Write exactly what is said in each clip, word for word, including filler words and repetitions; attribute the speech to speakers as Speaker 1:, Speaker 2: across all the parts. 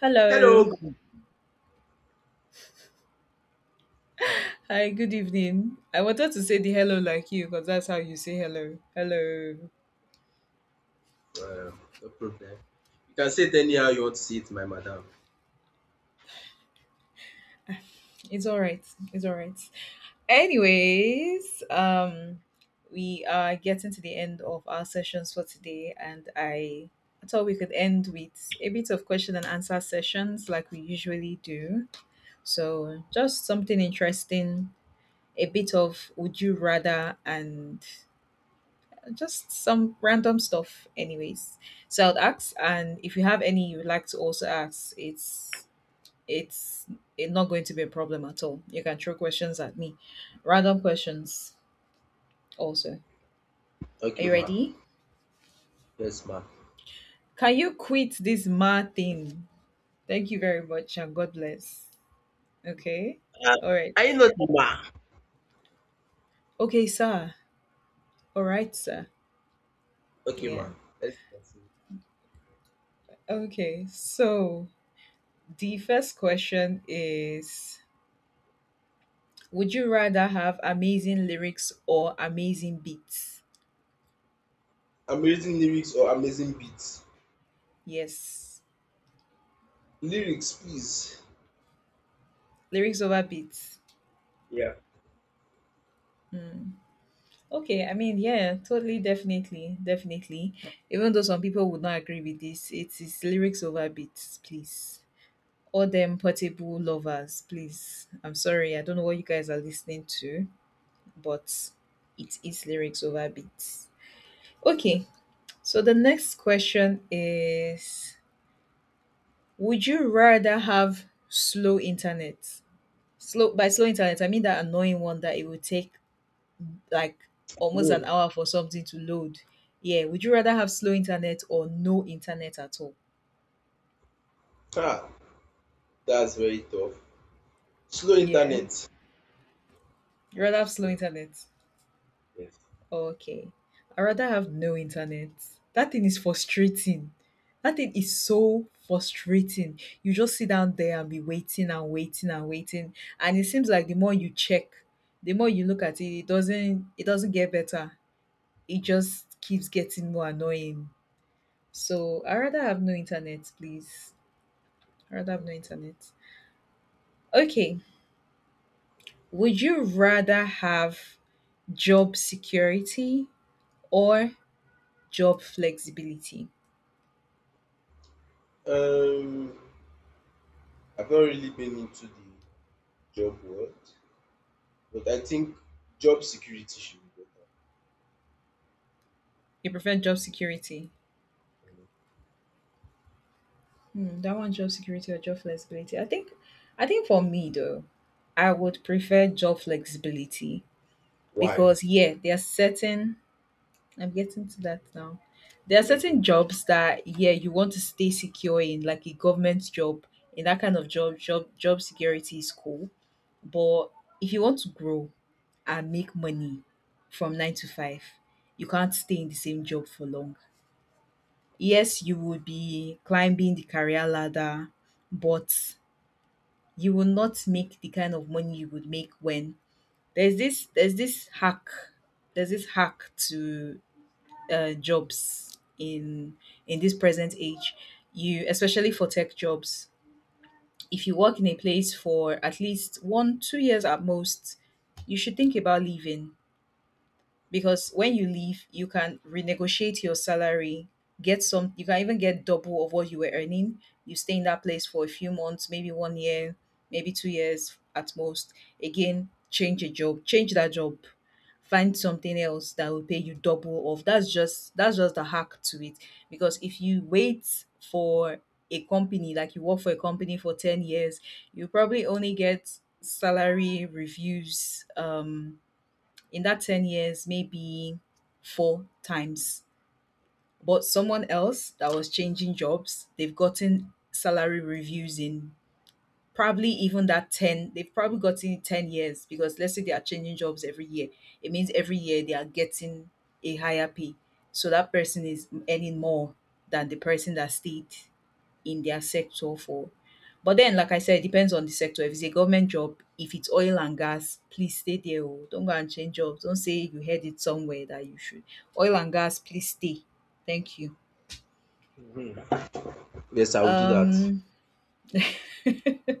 Speaker 1: Hello.
Speaker 2: Hello.
Speaker 1: Hi, good evening. I wanted to say the hello like you because that's how you say hello. Hello.
Speaker 2: Uh, no problem. You can say it anyhow you want to say it, my madam.
Speaker 1: It's all right. It's all right. Anyways, um we are getting to the end of our sessions for today, and I thought we could end with a bit of question and answer sessions like we usually do. So, just something interesting, a bit of would you rather and just some random stuff. Anyways, so I'd ask, and if you have any you'd like to also ask, it's it's it not going to be a problem at all. You can throw questions at me, random questions also. Are
Speaker 2: Okay,
Speaker 1: you
Speaker 2: ma.
Speaker 1: ready?
Speaker 2: Yes, ma.
Speaker 1: Can you quit this mad thing? Thank you very much, and god bless. Okay.
Speaker 2: Uh,
Speaker 1: All right.
Speaker 2: are you not ma?
Speaker 1: Okay, sir. All right, sir.
Speaker 2: Okay. Okay,
Speaker 1: Yeah.
Speaker 2: ma. Let's continue.
Speaker 1: Okay, so the first question is, would you rather have amazing lyrics or amazing beats?
Speaker 2: Amazing lyrics or amazing beats?
Speaker 1: Yes.
Speaker 2: Lyrics, please.
Speaker 1: Lyrics over beats.
Speaker 2: Yeah.
Speaker 1: Hmm. Okay, I mean, yeah, totally, definitely, definitely. Even though some people would not agree with this, it is lyrics over beats, please. All them portable lovers, please. I'm sorry, I don't know what you guys are listening to, but it is lyrics over beats. Okay, so the next question is, would you rather have slow internet? Slow, by slow internet, I mean that annoying one that it will take like almost an
Speaker 2: No.
Speaker 1: hour for something to load. Yeah, would you rather have slow internet or no internet at all?
Speaker 2: Ha. That's very tough. Slow
Speaker 1: Yeah,
Speaker 2: internet.
Speaker 1: you
Speaker 2: I
Speaker 1: rather have
Speaker 2: choose
Speaker 1: slow
Speaker 2: slow.
Speaker 1: internet.
Speaker 2: Yes.
Speaker 1: Okay, I rather have no internet. That thing is frustrating. That thing is so frustrating. You just sit down there and be waiting and waiting and waiting, and it seems like the more you check, the more you look at it, it doesn't it doesn't get better. It just keeps getting more annoying. So I rather have no internet, please. I rather have no
Speaker 2: Okay.
Speaker 1: internet. Okay. Would you rather have job security or job flexibility?
Speaker 2: Um, I've not really been into the job world, but I think job security should be better.
Speaker 1: You prefer job security? Hmm, that one, job security or job flexibility? I think I think for me though, I would prefer job flexibility,
Speaker 2: Why?
Speaker 1: because yeah, there are certain, I'm getting to that now. There are certain
Speaker 2: Okay.
Speaker 1: jobs that yeah, you want to stay secure in, like a government job. In that kind of job, job job security is cool. But if you want to grow and make money from nine to five, you can't stay in the same job for long. Yes, you will be climbing the career ladder, but you will not make the kind of money you would make when there's this there's this hack there's this hack to uh, jobs in in this present age. You Especially for tech jobs, if you work in a place for at least one two years at most, you should think about leaving, because when you leave you can renegotiate your salary. Get some You can even get double of what you were earning. You stay in that place for a few months, maybe one year, maybe two years at most, again change a job, change that job, find something else that will pay you double of, that's just that's just the hack to it. Because if you wait for a company, like you work for a company for ten years, you probably only get salary reviews um in that ten years, maybe four times. But someone else that was changing jobs, they've gotten salary reviews in, probably even that ten, they've probably gotten it ten years, because let's say they are changing jobs every year. It means every year they are getting a higher pay. So that person is earning more than the person that stayed in their sector for, but then like I said, it depends on the sector. If it's a government job, if it's oil and gas, please stay there. Oh. Don't go and change jobs. Don't say you heard it somewhere that you should. Oil and gas, please stay. Thank you.
Speaker 2: Yes, I will do that.
Speaker 1: Um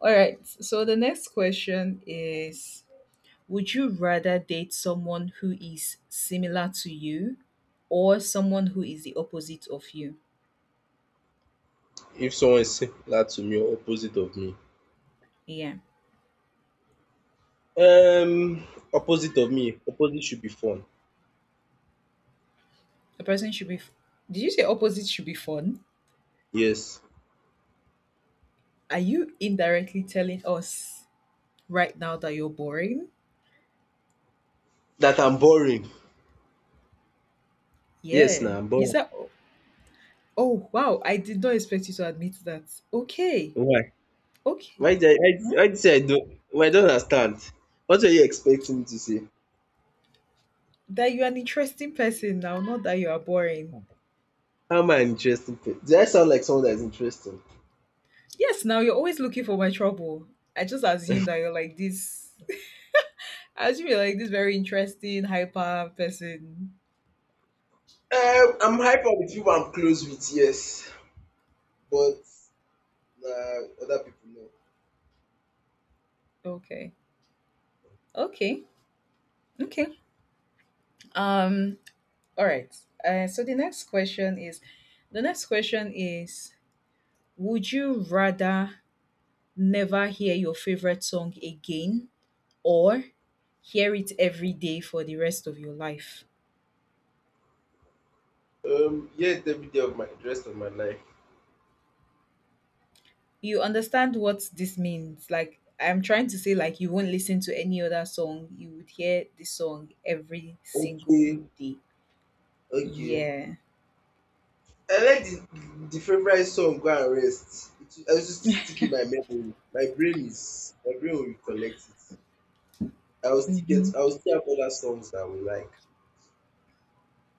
Speaker 1: all right. So the next question is, would you rather date someone who is similar to you or someone who is the opposite of you?
Speaker 2: If someone is similar to me or opposite of me?
Speaker 1: Yeah.
Speaker 2: Um, Opposite of me. Opposite should be fun.
Speaker 1: The person should be. Did you say opposite should be fun?
Speaker 2: Yes.
Speaker 1: Are you indirectly telling us right now that you're boring?
Speaker 2: That I'm boring. Yes,
Speaker 1: Yeah.
Speaker 2: now I'm
Speaker 1: You
Speaker 2: boring.
Speaker 1: said, oh, oh, wow, I did not expect you to admit that. Okay.
Speaker 2: Why?
Speaker 1: Okay.
Speaker 2: Why did I, why
Speaker 1: Hmm?
Speaker 2: did Why did you say I don't? Well, I don't understand. What were you expecting me to say?
Speaker 1: That you're an interesting person now, not that you are boring.
Speaker 2: How am I an interesting? Pe- did I sound like someone that is interesting?
Speaker 1: Yes, now you're always looking for my trouble. I just assume that you're like this. I assume you're like this very interesting, hyper person.
Speaker 2: Um, I'm hyper with people I'm close with, yes, but nah, other people know.
Speaker 1: Okay. Okay. Okay. Um, all right. Uh, so the next question is the next question is would you rather never hear your favorite song again, or hear it every day for the rest of your life?
Speaker 2: Um, yeah, it's every day of my rest of my life.
Speaker 1: You understand what this means. Like, I'm trying to say, like, you won't listen to any other song. You would hear this song every single
Speaker 2: Okay,
Speaker 1: day.
Speaker 2: okay.
Speaker 1: Yeah.
Speaker 2: I like the the favourite song go and rest. It will I will still stick in my memory. My brain is my brain will recollect it. I will still
Speaker 1: Mm-hmm.
Speaker 2: get I will still have other songs that I will like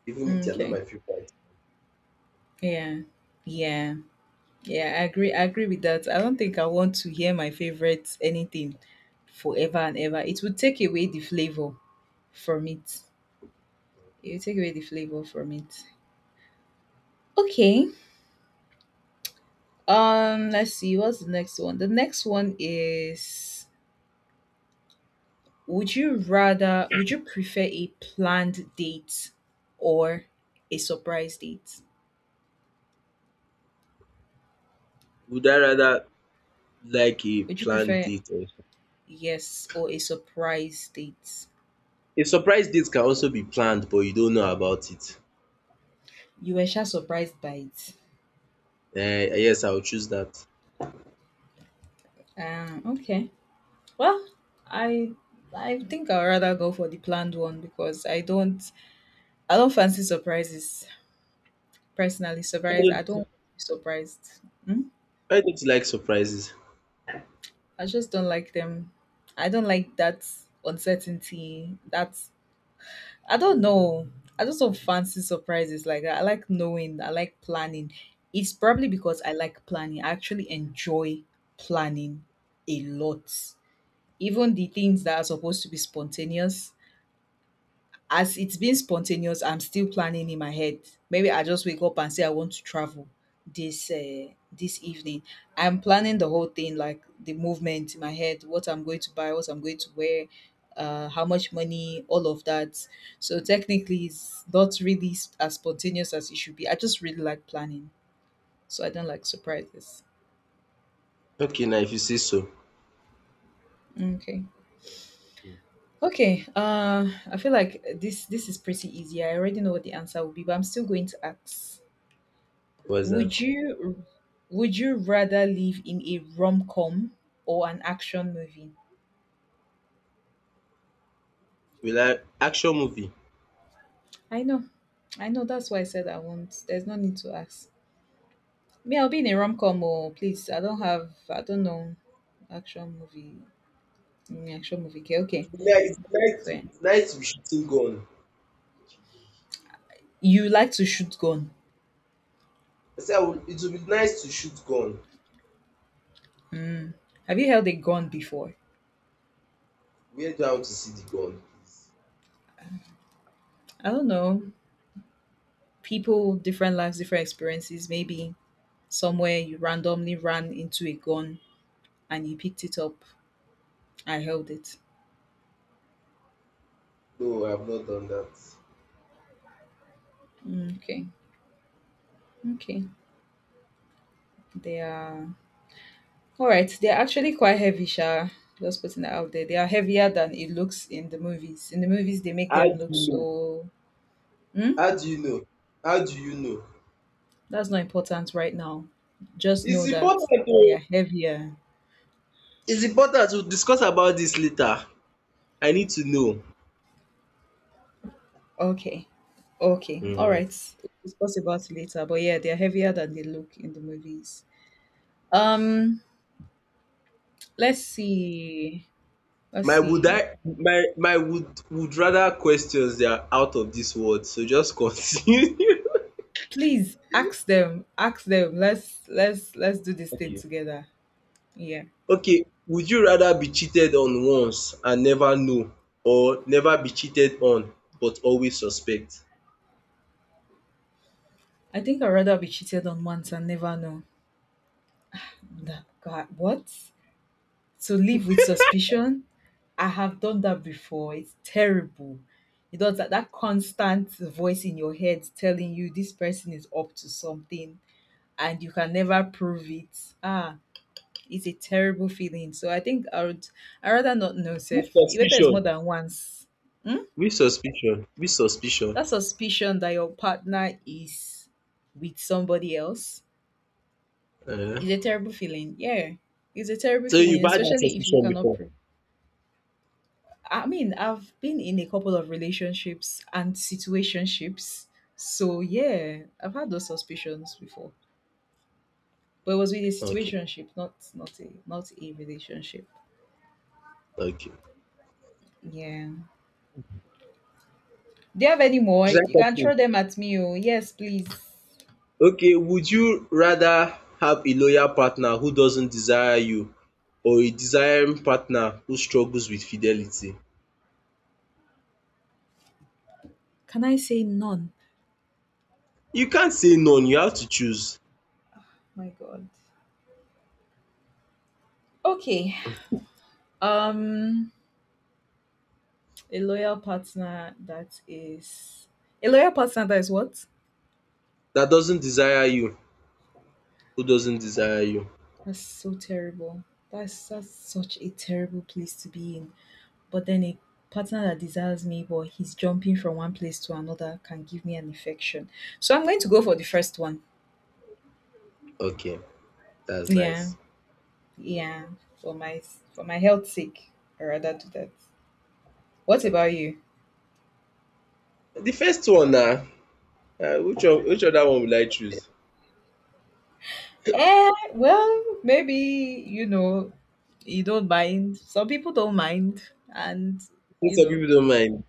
Speaker 2: even if they are not
Speaker 1: Okay.
Speaker 2: my favourite.
Speaker 1: Yeah. Yeah. Yeah. I agree. I agree with that. I don't think I want to hear my favorite anything forever and ever. It would take away the flavor from it. You take away the flavor from it. Okay. Um, let's see. What's the next one? The next one is, would you rather would you prefer a planned date or a surprise date?
Speaker 2: Would I rather like a
Speaker 1: Would you
Speaker 2: planned
Speaker 1: prefer,
Speaker 2: date or
Speaker 1: yes, or a surprise date?
Speaker 2: a surprise date can also be planned but you don't know about it.
Speaker 1: You were sure surprised by it.
Speaker 2: Eh, yes, I will choose that.
Speaker 1: Um, okay. Well, I I think I'd rather go for the planned one, because I don't I don't fancy surprises personally.
Speaker 2: Why
Speaker 1: Surprise, I don't want
Speaker 2: don't
Speaker 1: to be surprised. Hmm?
Speaker 2: why don't you like surprises?
Speaker 1: I just don't like them. I don't like that uncertainty. That, I don't know. I just don't fancy surprises like that. I like knowing. I like planning. It's probably because I like planning. I actually enjoy planning a lot. Even the things that are supposed to be spontaneous, as it's been spontaneous, I'm still planning in my head. Maybe I just wake up and say I want to travel this uh, this evening. I'm planning the whole thing, like the movement in my head, what I'm going to buy, what I'm going to wear, uh, how much money, all of that. So technically, it's not really s- as spontaneous as it should be. I just really like planning, so I don't like surprises.
Speaker 2: Okay now, if you say so.
Speaker 1: Okay. Okay. Uh, I feel like this this is pretty easy. I already know what the answer will be, but I'm still going to ask.
Speaker 2: What's
Speaker 1: Would
Speaker 2: that?
Speaker 1: you would you rather live in a rom-com or an action movie?
Speaker 2: Will I action movie.
Speaker 1: I know. I know, that's why I said I won't. There's no need to ask. Me, I'll be in a rom-com or please. I don't have I don't know. Action movie. Mm, action movie. Okay, okay.
Speaker 2: It's nice it's nice
Speaker 1: So
Speaker 2: to
Speaker 1: yeah.
Speaker 2: it's nice to be shooting gun.
Speaker 1: You like to shoot gun.
Speaker 2: I said I would, it would be nice to shoot gun.
Speaker 1: Have you held a gun before?
Speaker 2: Where do I want to see the gun, please?
Speaker 1: I don't know. People, different lives, different experiences. Maybe somewhere you randomly ran into a gun and you picked it up. I held it.
Speaker 2: No, I've not done that.
Speaker 1: Mm, okay. Okay. They are, all right. They are actually quite heavy, Sha. Just putting that out there. They are heavier than it looks in the movies. In the movies, they make
Speaker 2: How
Speaker 1: them
Speaker 2: do
Speaker 1: look
Speaker 2: you know?
Speaker 1: so. Hmm?
Speaker 2: How do you know? How do you know?
Speaker 1: That's not important right now. Just know
Speaker 2: It's important
Speaker 1: that they are
Speaker 2: to
Speaker 1: heavier.
Speaker 2: it's important to discuss about this later. I need to know.
Speaker 1: Okay. Okay. All
Speaker 2: Hmm.
Speaker 1: right. We'll discuss about it later. But yeah, they are heavier than they look in the movies. Um. Let's see. Let's
Speaker 2: My would
Speaker 1: see.
Speaker 2: I my my would would rather questions, they are out of this world. So just continue.
Speaker 1: Please ask them. Ask them. Let's let's let's do this thing
Speaker 2: Okay.
Speaker 1: together. Yeah.
Speaker 2: Okay, would you rather be cheated on once and never know, or never be cheated on but always suspect?
Speaker 1: I think I'd rather be cheated on once and never know. That God, what? To live with suspicion? I have done that before. It's terrible. You know that that constant voice in your head telling you this person is up to something, and you can never prove it. Ah, it's a terrible feeling. So I think I would, I rather not know self. Whether it's more than once. Hmm?
Speaker 2: With suspicion? With suspicion?
Speaker 1: That suspicion that your partner is with somebody else.
Speaker 2: uh
Speaker 1: It's a terrible feeling. Yeah, it's a terrible
Speaker 2: So you
Speaker 1: feeling,
Speaker 2: buy
Speaker 1: especially if you cannot. Pre-. I mean, I've been in a couple of relationships and situationships, so yeah, I've had those suspicions before. But it was with a
Speaker 2: Okay,
Speaker 1: situationship, not not a not a relationship.
Speaker 2: okay.
Speaker 1: Yeah. Do you have any more?
Speaker 2: It's
Speaker 1: You
Speaker 2: like,
Speaker 1: can throw them at me. Oh, yes, please.
Speaker 2: okay, would you rather have a loyal partner who doesn't desire you, or a desiring partner who struggles with fidelity?
Speaker 1: Can I say none?
Speaker 2: You can't say none, you have to choose.
Speaker 1: My God. Okay. Um, a loyal partner that is, a loyal partner that is what?
Speaker 2: That doesn't desire you, Who doesn't desire you.
Speaker 1: That's so terrible. That's that's such a terrible place to be in. But then a partner that desires me but he's jumping from one place to another can give me an infection. So I'm going to go for the first one.
Speaker 2: Okay, that's
Speaker 1: Yeah.
Speaker 2: nice.
Speaker 1: Yeah. For my for my health sake. I rather do that. What about
Speaker 2: Okay.
Speaker 1: you?
Speaker 2: The first one now, uh, which one, which other one will I choose?
Speaker 1: Eh, well, maybe you know you don't mind. Some people don't mind, and
Speaker 2: Since
Speaker 1: you
Speaker 2: some
Speaker 1: know.
Speaker 2: people don't mind.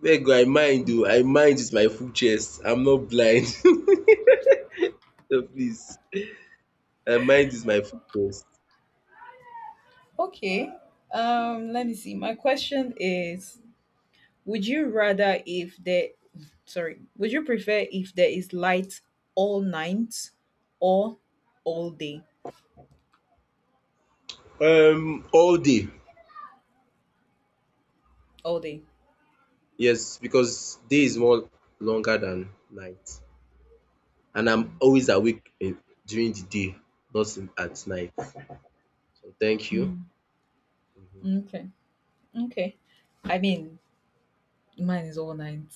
Speaker 2: Where go I mind though? I mind is my full chest. I'm not blind. So please, um, mind is my focus.
Speaker 1: Okay. Um let me see. My question is Would you rather if there sorry, would you prefer if there is light all night or all day?
Speaker 2: Um, all day.
Speaker 1: All day.
Speaker 2: Yes, because day is more longer than night, and I'm always awake in, during the day, not in, at night. So thank you.
Speaker 1: Hmm.
Speaker 2: Mhm.
Speaker 1: Okay. Okay. I mean, mine is all night.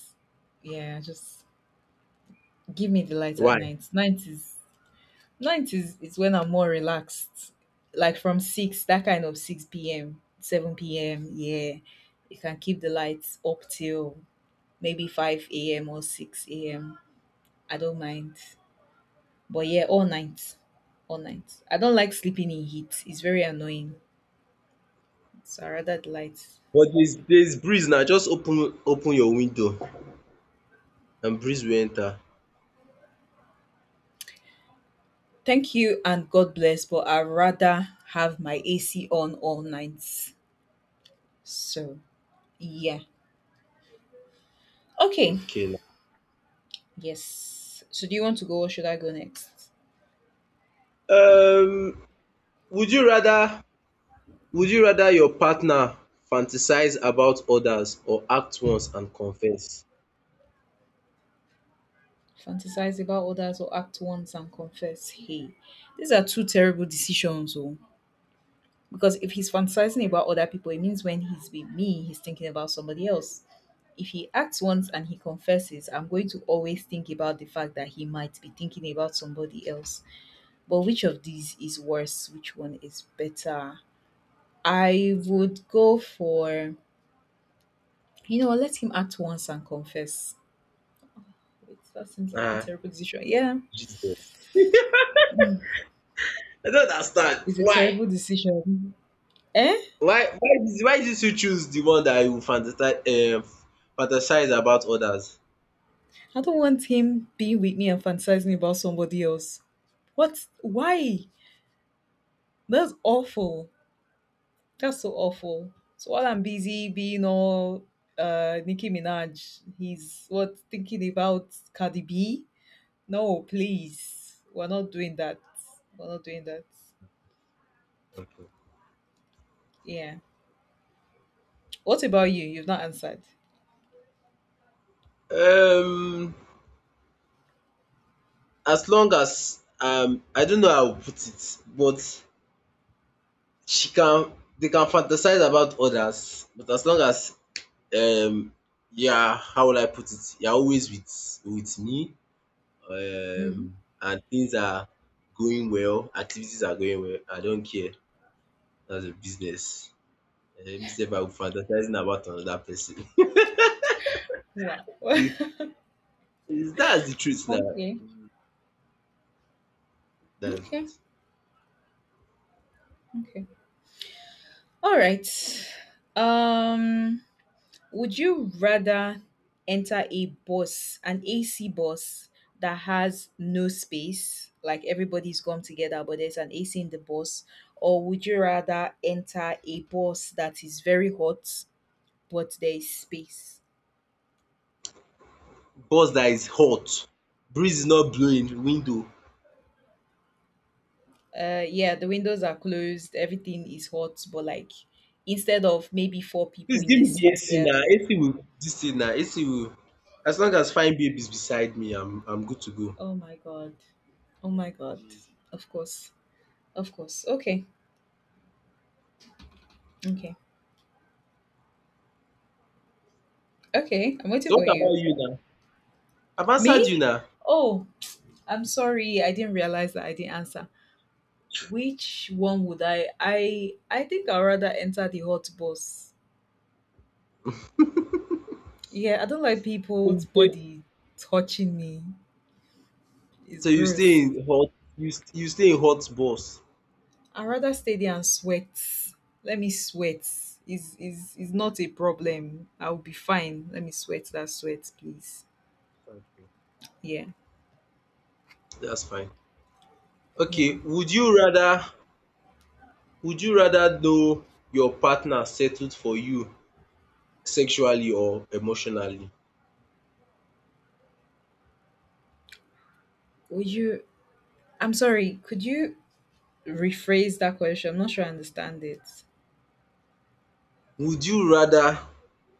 Speaker 1: Yeah, just give me the light at
Speaker 2: Why?
Speaker 1: night. Night is night is is when I'm more relaxed. Like from six, that kind of six P M, seven P M, yeah. You can keep the lights up till maybe five A M or six A M. I don't mind. But yeah, all night. All night. I don't like sleeping in heat. It's very annoying. So I rather the lights.
Speaker 2: But there's there's breeze now. Just open open your window and breeze will enter.
Speaker 1: Thank you and God bless, but I rather have my A C on all night. So yeah. Okay.
Speaker 2: Okay now.
Speaker 1: Yes. So do you want to go or should I go next?
Speaker 2: Um, would you rather would you rather your partner fantasize about others, or act once and confess?
Speaker 1: Fantasize about others or act once and confess. Hey. These are two terrible decisions. Oh. Because if he's fantasizing about other people, it means when he's with me, he's thinking about somebody else. If he acts once and he confesses, I'm going to always think about the fact that he might be thinking about somebody else. But which of these is worse? Which one is better? I would go for, you know, let him act once and confess. Wait, that seems like a
Speaker 2: Ah,
Speaker 1: terrible decision. Yeah,
Speaker 2: Jesus. I don't understand.
Speaker 1: it's a
Speaker 2: Why?
Speaker 1: terrible decision. Eh?
Speaker 2: Why why did why did you choose the one that you fantasize um fantasize about others?
Speaker 1: I don't want him being with me and fantasizing about somebody else. What? Why? That's awful. That's so awful. So while I'm busy being all uh Nicki Minaj, he's what thinking about Cardi B? No, please. We're not doing that. We're not doing that. Yeah. What about you? You've not answered.
Speaker 2: Um as long as, um I don't know how to put it, but she can they can fantasize about others, but as long as, um yeah, how will I put it? You're always with with me.
Speaker 1: Mm-hmm.
Speaker 2: Um and things are going well, activities are going well. I don't care. That's a business. Eh, me sef, I will fantasizing about another person.
Speaker 1: Wow.
Speaker 2: It- it's- That's the truth now.
Speaker 1: Okay.
Speaker 2: That
Speaker 1: Okay. Okay. All right. Um, would you rather enter a bus, an A C bus that has no space, like everybody's come together, but there's an A C in the bus, or would you rather enter a bus that is very hot, but there is space?
Speaker 2: bus that is hot, breeze is not blowing window.
Speaker 1: Uh, yeah, the windows are closed, everything is hot, but like instead of maybe four people
Speaker 2: Please
Speaker 1: in
Speaker 2: give
Speaker 1: a
Speaker 2: me the
Speaker 1: seat,
Speaker 2: A C
Speaker 1: there.
Speaker 2: now. A C will dis thing now. A C will, as long as fine babe is beside me, I'm I'm good to go.
Speaker 1: Oh my god. Oh my god. Of course. Of course. Okay. Okay. Okay. I'm waiting
Speaker 2: So
Speaker 1: for
Speaker 2: what about
Speaker 1: you.
Speaker 2: you now? I've answered you
Speaker 1: Me?
Speaker 2: now.
Speaker 1: Oh, I'm sorry. I didn't realize that I didn't answer. Which one would I? I I think I'd rather enter the hot bus. Yeah, I don't like
Speaker 2: So you
Speaker 1: people's
Speaker 2: stay
Speaker 1: body touching me. It's
Speaker 2: so you stay
Speaker 1: gross.
Speaker 2: in hot you st- you stay in hot bus.
Speaker 1: I'd rather stay there and sweat. Let me sweat. Is is is not a problem. I'll be fine. Let me sweat that sweat, please. Yeah,
Speaker 2: That's fine.
Speaker 1: yeah.
Speaker 2: Okay, would you rather would you rather know your partner settled for you sexually or emotionally?
Speaker 1: Would you? I'm sorry. Could you rephrase that question? I'm not sure I understand it.
Speaker 2: Would you rather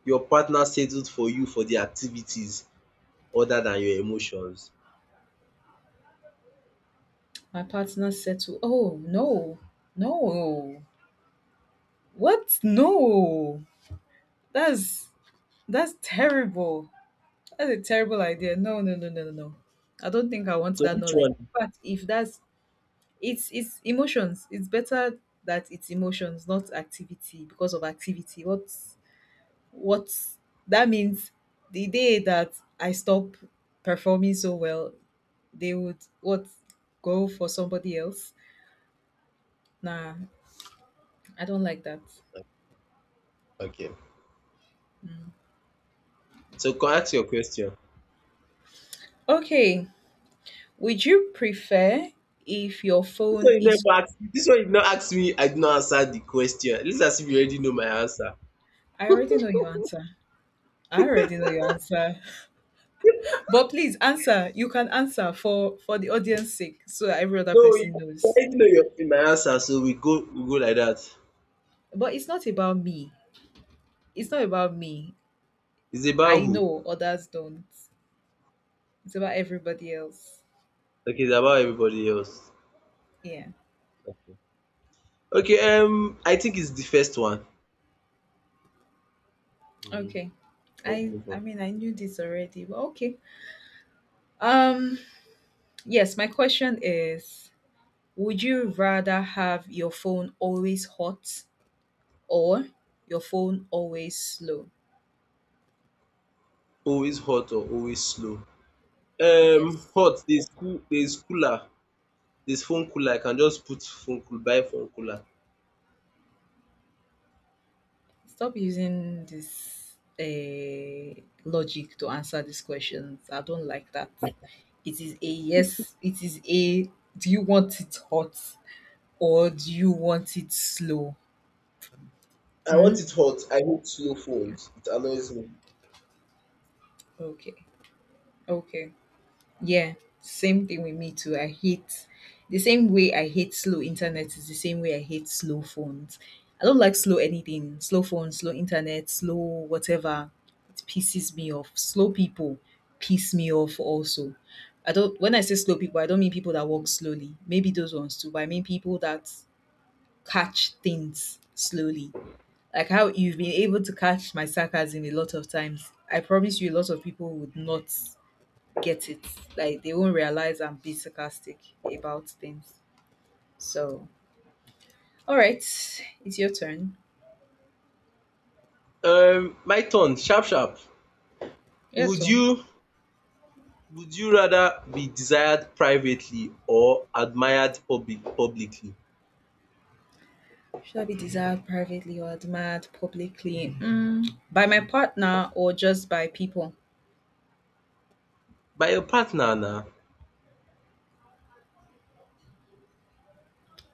Speaker 2: your partner settled for you for the activities other than your emotions?
Speaker 1: My partner said to, oh no, no, what? No, that's that's terrible. That's a terrible idea. No, no, no, no, no, no. I don't think I want
Speaker 2: So
Speaker 1: that
Speaker 2: which
Speaker 1: knowledge.
Speaker 2: one?
Speaker 1: But if that's it's it's emotions. It's better that it's emotions, not activity, because of activity. What what that means the day that I stop performing so well, they would what go for somebody else. Nah, I don't like that.
Speaker 2: Okay. So come ask your question.
Speaker 1: Okay, would you prefer if your
Speaker 2: This one
Speaker 1: phone
Speaker 2: you
Speaker 1: is?
Speaker 2: never ask This one you no ask me, I did not answer the question. Let's, as if you already know my answer.
Speaker 1: I already know your answer. I already know your answer. But please answer. You can answer for for the audience sake, so that every other
Speaker 2: No, you
Speaker 1: person knows.
Speaker 2: already know your my answer, so we go we go like that.
Speaker 1: But it's not about me. It's not about me.
Speaker 2: It's about
Speaker 1: I
Speaker 2: who?
Speaker 1: know others don't. It's about everybody else.
Speaker 2: Okay, it's about everybody else.
Speaker 1: Yeah.
Speaker 2: Okay, um I think it's the first one.
Speaker 1: Okay.
Speaker 2: hmm
Speaker 1: I
Speaker 2: Move
Speaker 1: I
Speaker 2: on.
Speaker 1: mean I knew this already, but okay. Um, yes, my question is would you rather have your phone always hot or your phone always slow.
Speaker 2: Always hot or always slow? Um
Speaker 1: Yes.
Speaker 2: hot. there's cool there's cooler there's phone cooler. I can just put phone cool Buy phone cooler.
Speaker 1: Stop using this uh, logic to answer these questions. I don't like that. It is a yes, it is a do you want it hot or do you want it slow?
Speaker 2: I want
Speaker 1: Mm?
Speaker 2: it hot. I hate slow phones. It annoys me.
Speaker 1: Okay. Okay. Yeah, same thing with me too. I hate The same way I hate slow internet is the same way I hate slow phones. I don't like slow anything. Slow phones, slow internet, slow whatever. It pisses me off. Slow people piss me off also. I don't When I say slow people, I don't mean people that walk slowly. Maybe those ones too, but I mean people that catch things slowly. Like how you've been able to catch my sarcasm a lot of times. I promise you a lot of people would not get it. Like they won't realize I'm being sarcastic about things. So, all right, it's your turn.
Speaker 2: Um my turn sharp sharp.
Speaker 1: Your
Speaker 2: Would
Speaker 1: turn.
Speaker 2: you would you rather be desired privately or admired public publicly?
Speaker 1: Should I be desired privately or admired publicly? Mm, by my partner or just by people?
Speaker 2: By your partner na.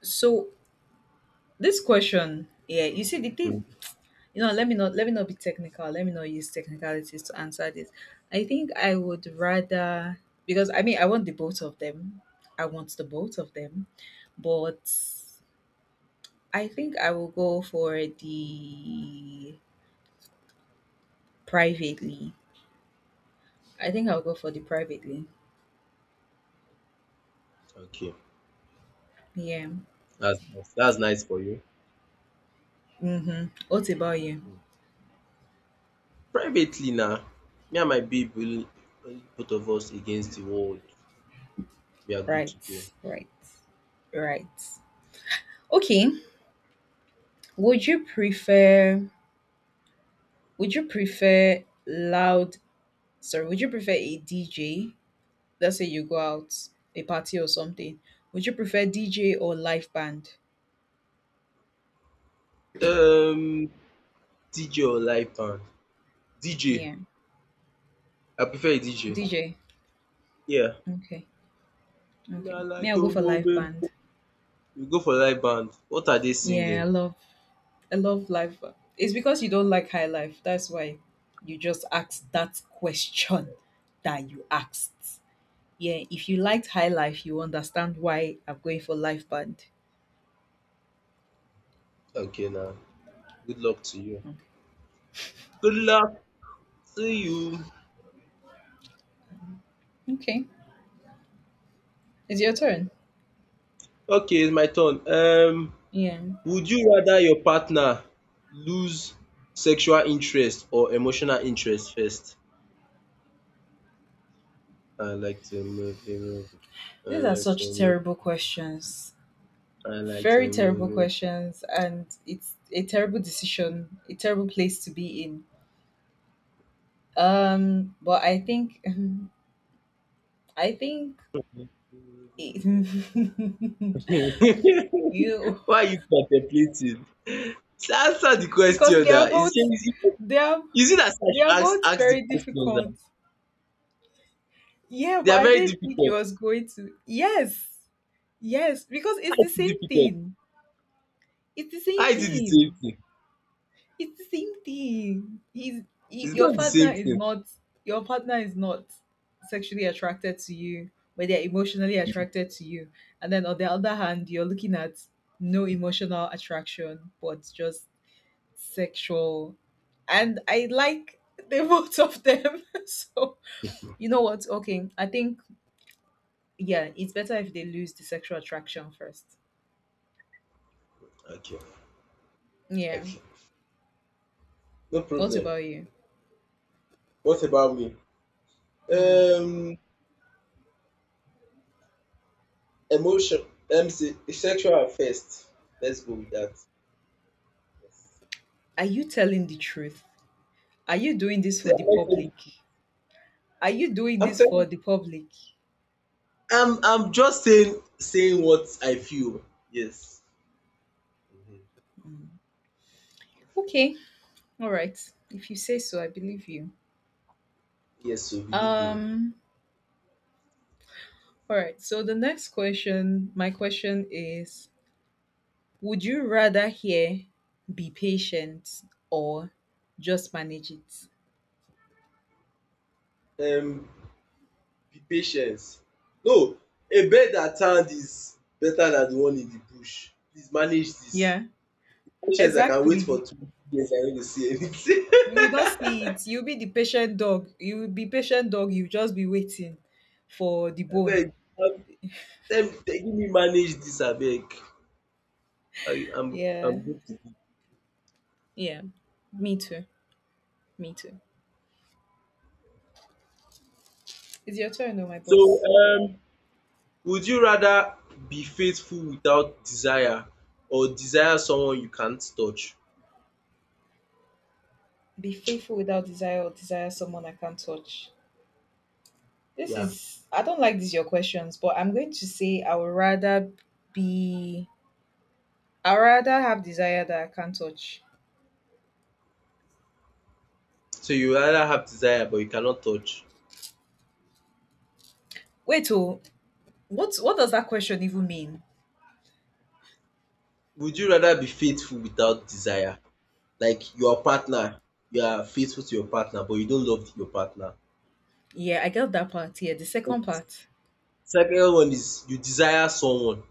Speaker 1: So this question, yeah, you see the thing.
Speaker 2: um
Speaker 1: You know, let me not let me not be technical. Let me not use technicalities to answer this. I think I would rather because I mean I want the both of them. I want the both of them, but I think I will go for the privately. I think I'll go for the privately.
Speaker 2: okay,
Speaker 1: Yeah.
Speaker 2: that's nice that's nice for you.
Speaker 1: Mm-hmm. What about you?
Speaker 2: um Privately na, me and my babe will, only both of us against the world, we are good
Speaker 1: Right,
Speaker 2: to go.
Speaker 1: right, right. Okay. Would you prefer would you prefer loud sorry, would you prefer a D J? Let's say you go out a party or something. Would you prefer D J or live band?
Speaker 2: um D J or live band? D J.
Speaker 1: Yeah.
Speaker 2: I prefer a D J.
Speaker 1: D J.
Speaker 2: Yeah.
Speaker 1: Okay.
Speaker 2: Na
Speaker 1: Okay. Me,
Speaker 2: like
Speaker 1: I'll go for live
Speaker 2: Omobenpo.
Speaker 1: band.
Speaker 2: We go for live band. What are they
Speaker 1: Yeah,
Speaker 2: singing?
Speaker 1: I love I love life. It's because you don't like high life. That's why you just asked that question that you asked. Yeah, if you liked high life, you understand why I'm going for life band.
Speaker 2: Okay now. Good luck to you.
Speaker 1: Okay,
Speaker 2: Good luck to you.
Speaker 1: okay, it's your turn.
Speaker 2: Okay, it's my turn. Um,
Speaker 1: Yeah,
Speaker 2: would you rather your partner lose sexual interest or emotional interest first? I like to move you, move you. I
Speaker 1: these are
Speaker 2: like to
Speaker 1: such
Speaker 2: move.
Speaker 1: terrible questions.
Speaker 2: I like
Speaker 1: Very
Speaker 2: to move.
Speaker 1: terrible
Speaker 2: You,
Speaker 1: questions, and it's a terrible decision, a terrible place to be in. Um, but I think, I think
Speaker 2: move you,
Speaker 1: it,
Speaker 2: move you.
Speaker 1: you
Speaker 2: Why are you contemplating? So answer the
Speaker 1: because
Speaker 2: question
Speaker 1: they are
Speaker 2: now. Is it
Speaker 1: both
Speaker 2: is it
Speaker 1: they are
Speaker 2: is it as I
Speaker 1: they are
Speaker 2: should ask
Speaker 1: both
Speaker 2: ask the
Speaker 1: very
Speaker 2: question
Speaker 1: difficult.
Speaker 2: now?
Speaker 1: Yeah,
Speaker 2: They
Speaker 1: but
Speaker 2: are
Speaker 1: I
Speaker 2: very
Speaker 1: didn't think it
Speaker 2: difficult.
Speaker 1: was going to. Yes, yes, because
Speaker 2: How
Speaker 1: it's the
Speaker 2: is it
Speaker 1: same
Speaker 2: difficult?
Speaker 1: thing. It's the
Speaker 2: How
Speaker 1: same
Speaker 2: is it the same
Speaker 1: thing.
Speaker 2: thing?
Speaker 1: It's the same thing. He's he,
Speaker 2: It's
Speaker 1: your
Speaker 2: not the
Speaker 1: partner
Speaker 2: same
Speaker 1: is
Speaker 2: thing.
Speaker 1: not your partner is not sexually attracted to you, but they're emotionally attracted to you. And then on the other hand, you're looking at no emotional attraction, but just sexual. And I like the both of them. So you know what, okay, I think, yeah, it's better if they lose the sexual attraction first.
Speaker 2: Okay,
Speaker 1: Yeah.
Speaker 2: okay. No
Speaker 1: What
Speaker 2: problem.
Speaker 1: about you?
Speaker 2: What about me?
Speaker 1: Mm.
Speaker 2: Um Emotion. Let me see. Sexual first. Let's go with that. Yes.
Speaker 1: Are you telling the truth? are you doing this
Speaker 2: See,
Speaker 1: for the
Speaker 2: I'm not
Speaker 1: public
Speaker 2: telling you.
Speaker 1: are you doing
Speaker 2: I'm
Speaker 1: this for
Speaker 2: telling
Speaker 1: the public?
Speaker 2: I'm I'm just saying saying what I feel. Yes. Mhm.
Speaker 1: Okay, all right, if you say so I believe you.
Speaker 2: Yes, so believe me.
Speaker 1: Um, all right, so the next question, my question is, would you rather hear be patient or just manage it?
Speaker 2: Um be patience. No, a bird at hand is better than the one in the bush. Please manage this.
Speaker 1: Yeah,
Speaker 2: Patience, I can wait for
Speaker 1: exactly.
Speaker 2: two years, I no go see anything.
Speaker 1: You will not see it. You'll be the patient dog. You will be patient dog. You'll just be waiting for the bone.
Speaker 2: Abeg, um, tell me tell- give me manage dis abeg. I am
Speaker 1: Yeah.
Speaker 2: I'm good to go.
Speaker 1: Yeah. Me too. Me too. It's your turn though, my
Speaker 2: So,
Speaker 1: boss.
Speaker 2: um would you rather be faithful without desire, or desire someone you can't touch?
Speaker 1: Be faithful without desire or desire someone I can't touch. This
Speaker 2: Yeah.
Speaker 1: is I don't like these your questions, but I'm going to say I would rather be I would rather have desire that I can't touch.
Speaker 2: So you rather have desire, but you cannot touch.
Speaker 1: Wait, oh, what what does that question even mean?
Speaker 2: Would you rather be faithful without desire? Like your partner, you are faithful to your partner but you don't love your partner.
Speaker 1: Yeah, I get that part. Yeah, the second part,
Speaker 2: Second one is, you desire someone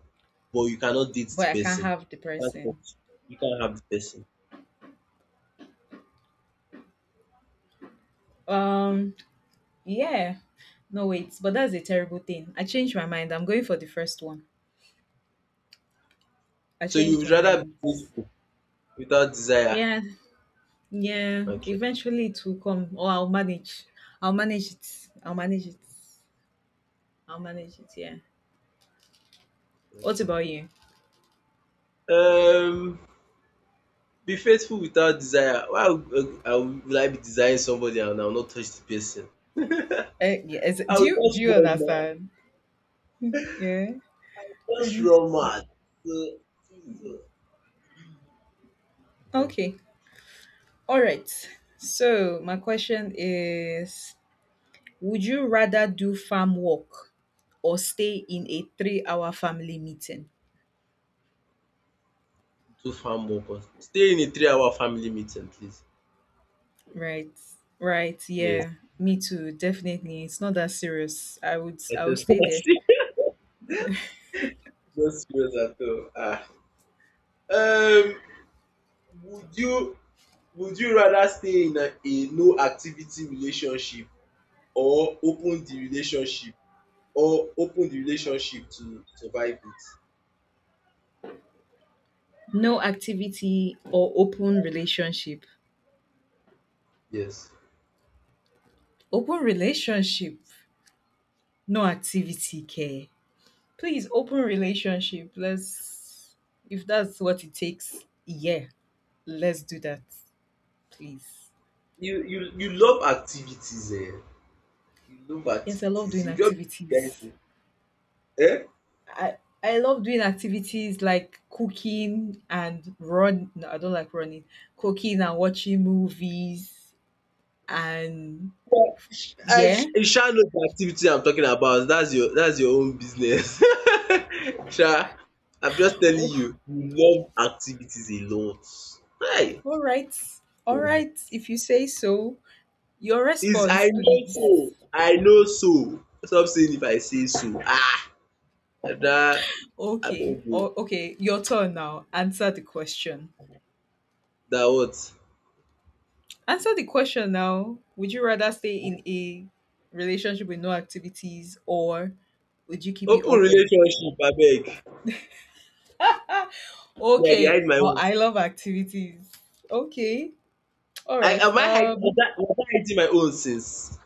Speaker 2: but you cannot date
Speaker 1: but I
Speaker 2: the
Speaker 1: can't
Speaker 2: person.
Speaker 1: have the
Speaker 2: You can't
Speaker 1: person.
Speaker 2: touch, you can't have the person.
Speaker 1: Um, yeah, no wait, but that's a terrible thing. I changed my mind. I'm going for the first one. I
Speaker 2: So you
Speaker 1: changed
Speaker 2: would
Speaker 1: my
Speaker 2: rather
Speaker 1: mind.
Speaker 2: be faithful without desire.
Speaker 1: Yeah, yeah.
Speaker 2: Okay,
Speaker 1: Eventually it will come, or I'll manage. I'll manage it. I'll manage it. I'll manage it. Yeah. What
Speaker 2: okay.
Speaker 1: about you?
Speaker 2: Um be faithful without desire. Why would, uh, I would would I be desiring somebody and I will not touch the person?
Speaker 1: Uh, yes.
Speaker 2: I
Speaker 1: Do you
Speaker 2: will
Speaker 1: do
Speaker 2: just
Speaker 1: you
Speaker 2: run mad.
Speaker 1: understand? Yeah.
Speaker 2: I will just run mad. So, please o. Mhm.
Speaker 1: Okay. All right. So my question is, would you rather do farm work or stay in a three-hour family meeting?
Speaker 2: Do farm work or stay in a three hour family meeting please.
Speaker 1: Right. Right.
Speaker 2: Yes,
Speaker 1: Yeah. Me too. Definitely. It's not that serious. I would I would
Speaker 2: SSIC.
Speaker 1: stay there.
Speaker 2: No serious at all. Ah. Um, would you would you rather stay in a, a no activity relationship, or open the relationship, or open the relationship to survive it?
Speaker 1: No activity or open relationship.
Speaker 2: Yes.
Speaker 1: Open relationship. No activity care. Please open relationship. Let's if that's what it takes. Yeah. Let's do that. Please.
Speaker 2: You you you love activities eh. You love
Speaker 1: Yes, I love
Speaker 2: activities.
Speaker 1: doing
Speaker 2: You just guys
Speaker 1: activities.
Speaker 2: eh.
Speaker 1: I I love doing activities like cooking and run. No, I don't like running. Cooking and watching movies and
Speaker 2: Well, I
Speaker 1: yeah.
Speaker 2: I sha know the activity I'm talking about. That's your, that's your own business. Sha, I'm just telling
Speaker 1: Oh,
Speaker 2: you, you love activities a lot. Kai!
Speaker 1: all right, all right. If you say so, your
Speaker 2: Is I
Speaker 1: response,
Speaker 2: know
Speaker 1: please.
Speaker 2: so, I know so. Stop saying if I say so. Ah! Ada,
Speaker 1: Okay,
Speaker 2: abeg o,
Speaker 1: o- okay. Your turn now. Answer the question.
Speaker 2: na what?
Speaker 1: Answer the question now. Would you rather stay in a relationship with no activities or would you keep it
Speaker 2: Open
Speaker 1: open?
Speaker 2: relationship abeg, me I dey
Speaker 1: Okay.
Speaker 2: hide my
Speaker 1: Well,
Speaker 2: own.
Speaker 1: I love activities. Okay. All
Speaker 2: I
Speaker 1: right.
Speaker 2: am I hiding was
Speaker 1: Um,
Speaker 2: I was I hiding my own since?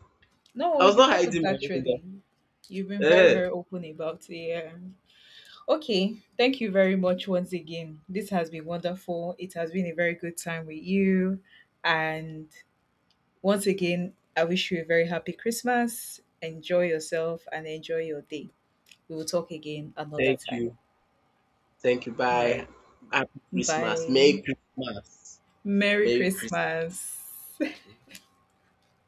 Speaker 1: no,
Speaker 2: I was
Speaker 1: you
Speaker 2: not
Speaker 1: haven't
Speaker 2: hiding my own na.
Speaker 1: actually. You've been very, very
Speaker 2: Ehen.
Speaker 1: open about it. Yeah. Okay. Thank you very much once again. This has been wonderful. It has been a very good time with you. And once again, I wish you a very happy Christmas. Enjoy yourself and enjoy your day. We will talk again another
Speaker 2: Thank
Speaker 1: time.
Speaker 2: you, thank you,
Speaker 1: All right.
Speaker 2: bye. Happy Christmas, merry
Speaker 1: Bye.
Speaker 2: Christmas,
Speaker 1: Merry
Speaker 2: merry Chris
Speaker 1: Christmas.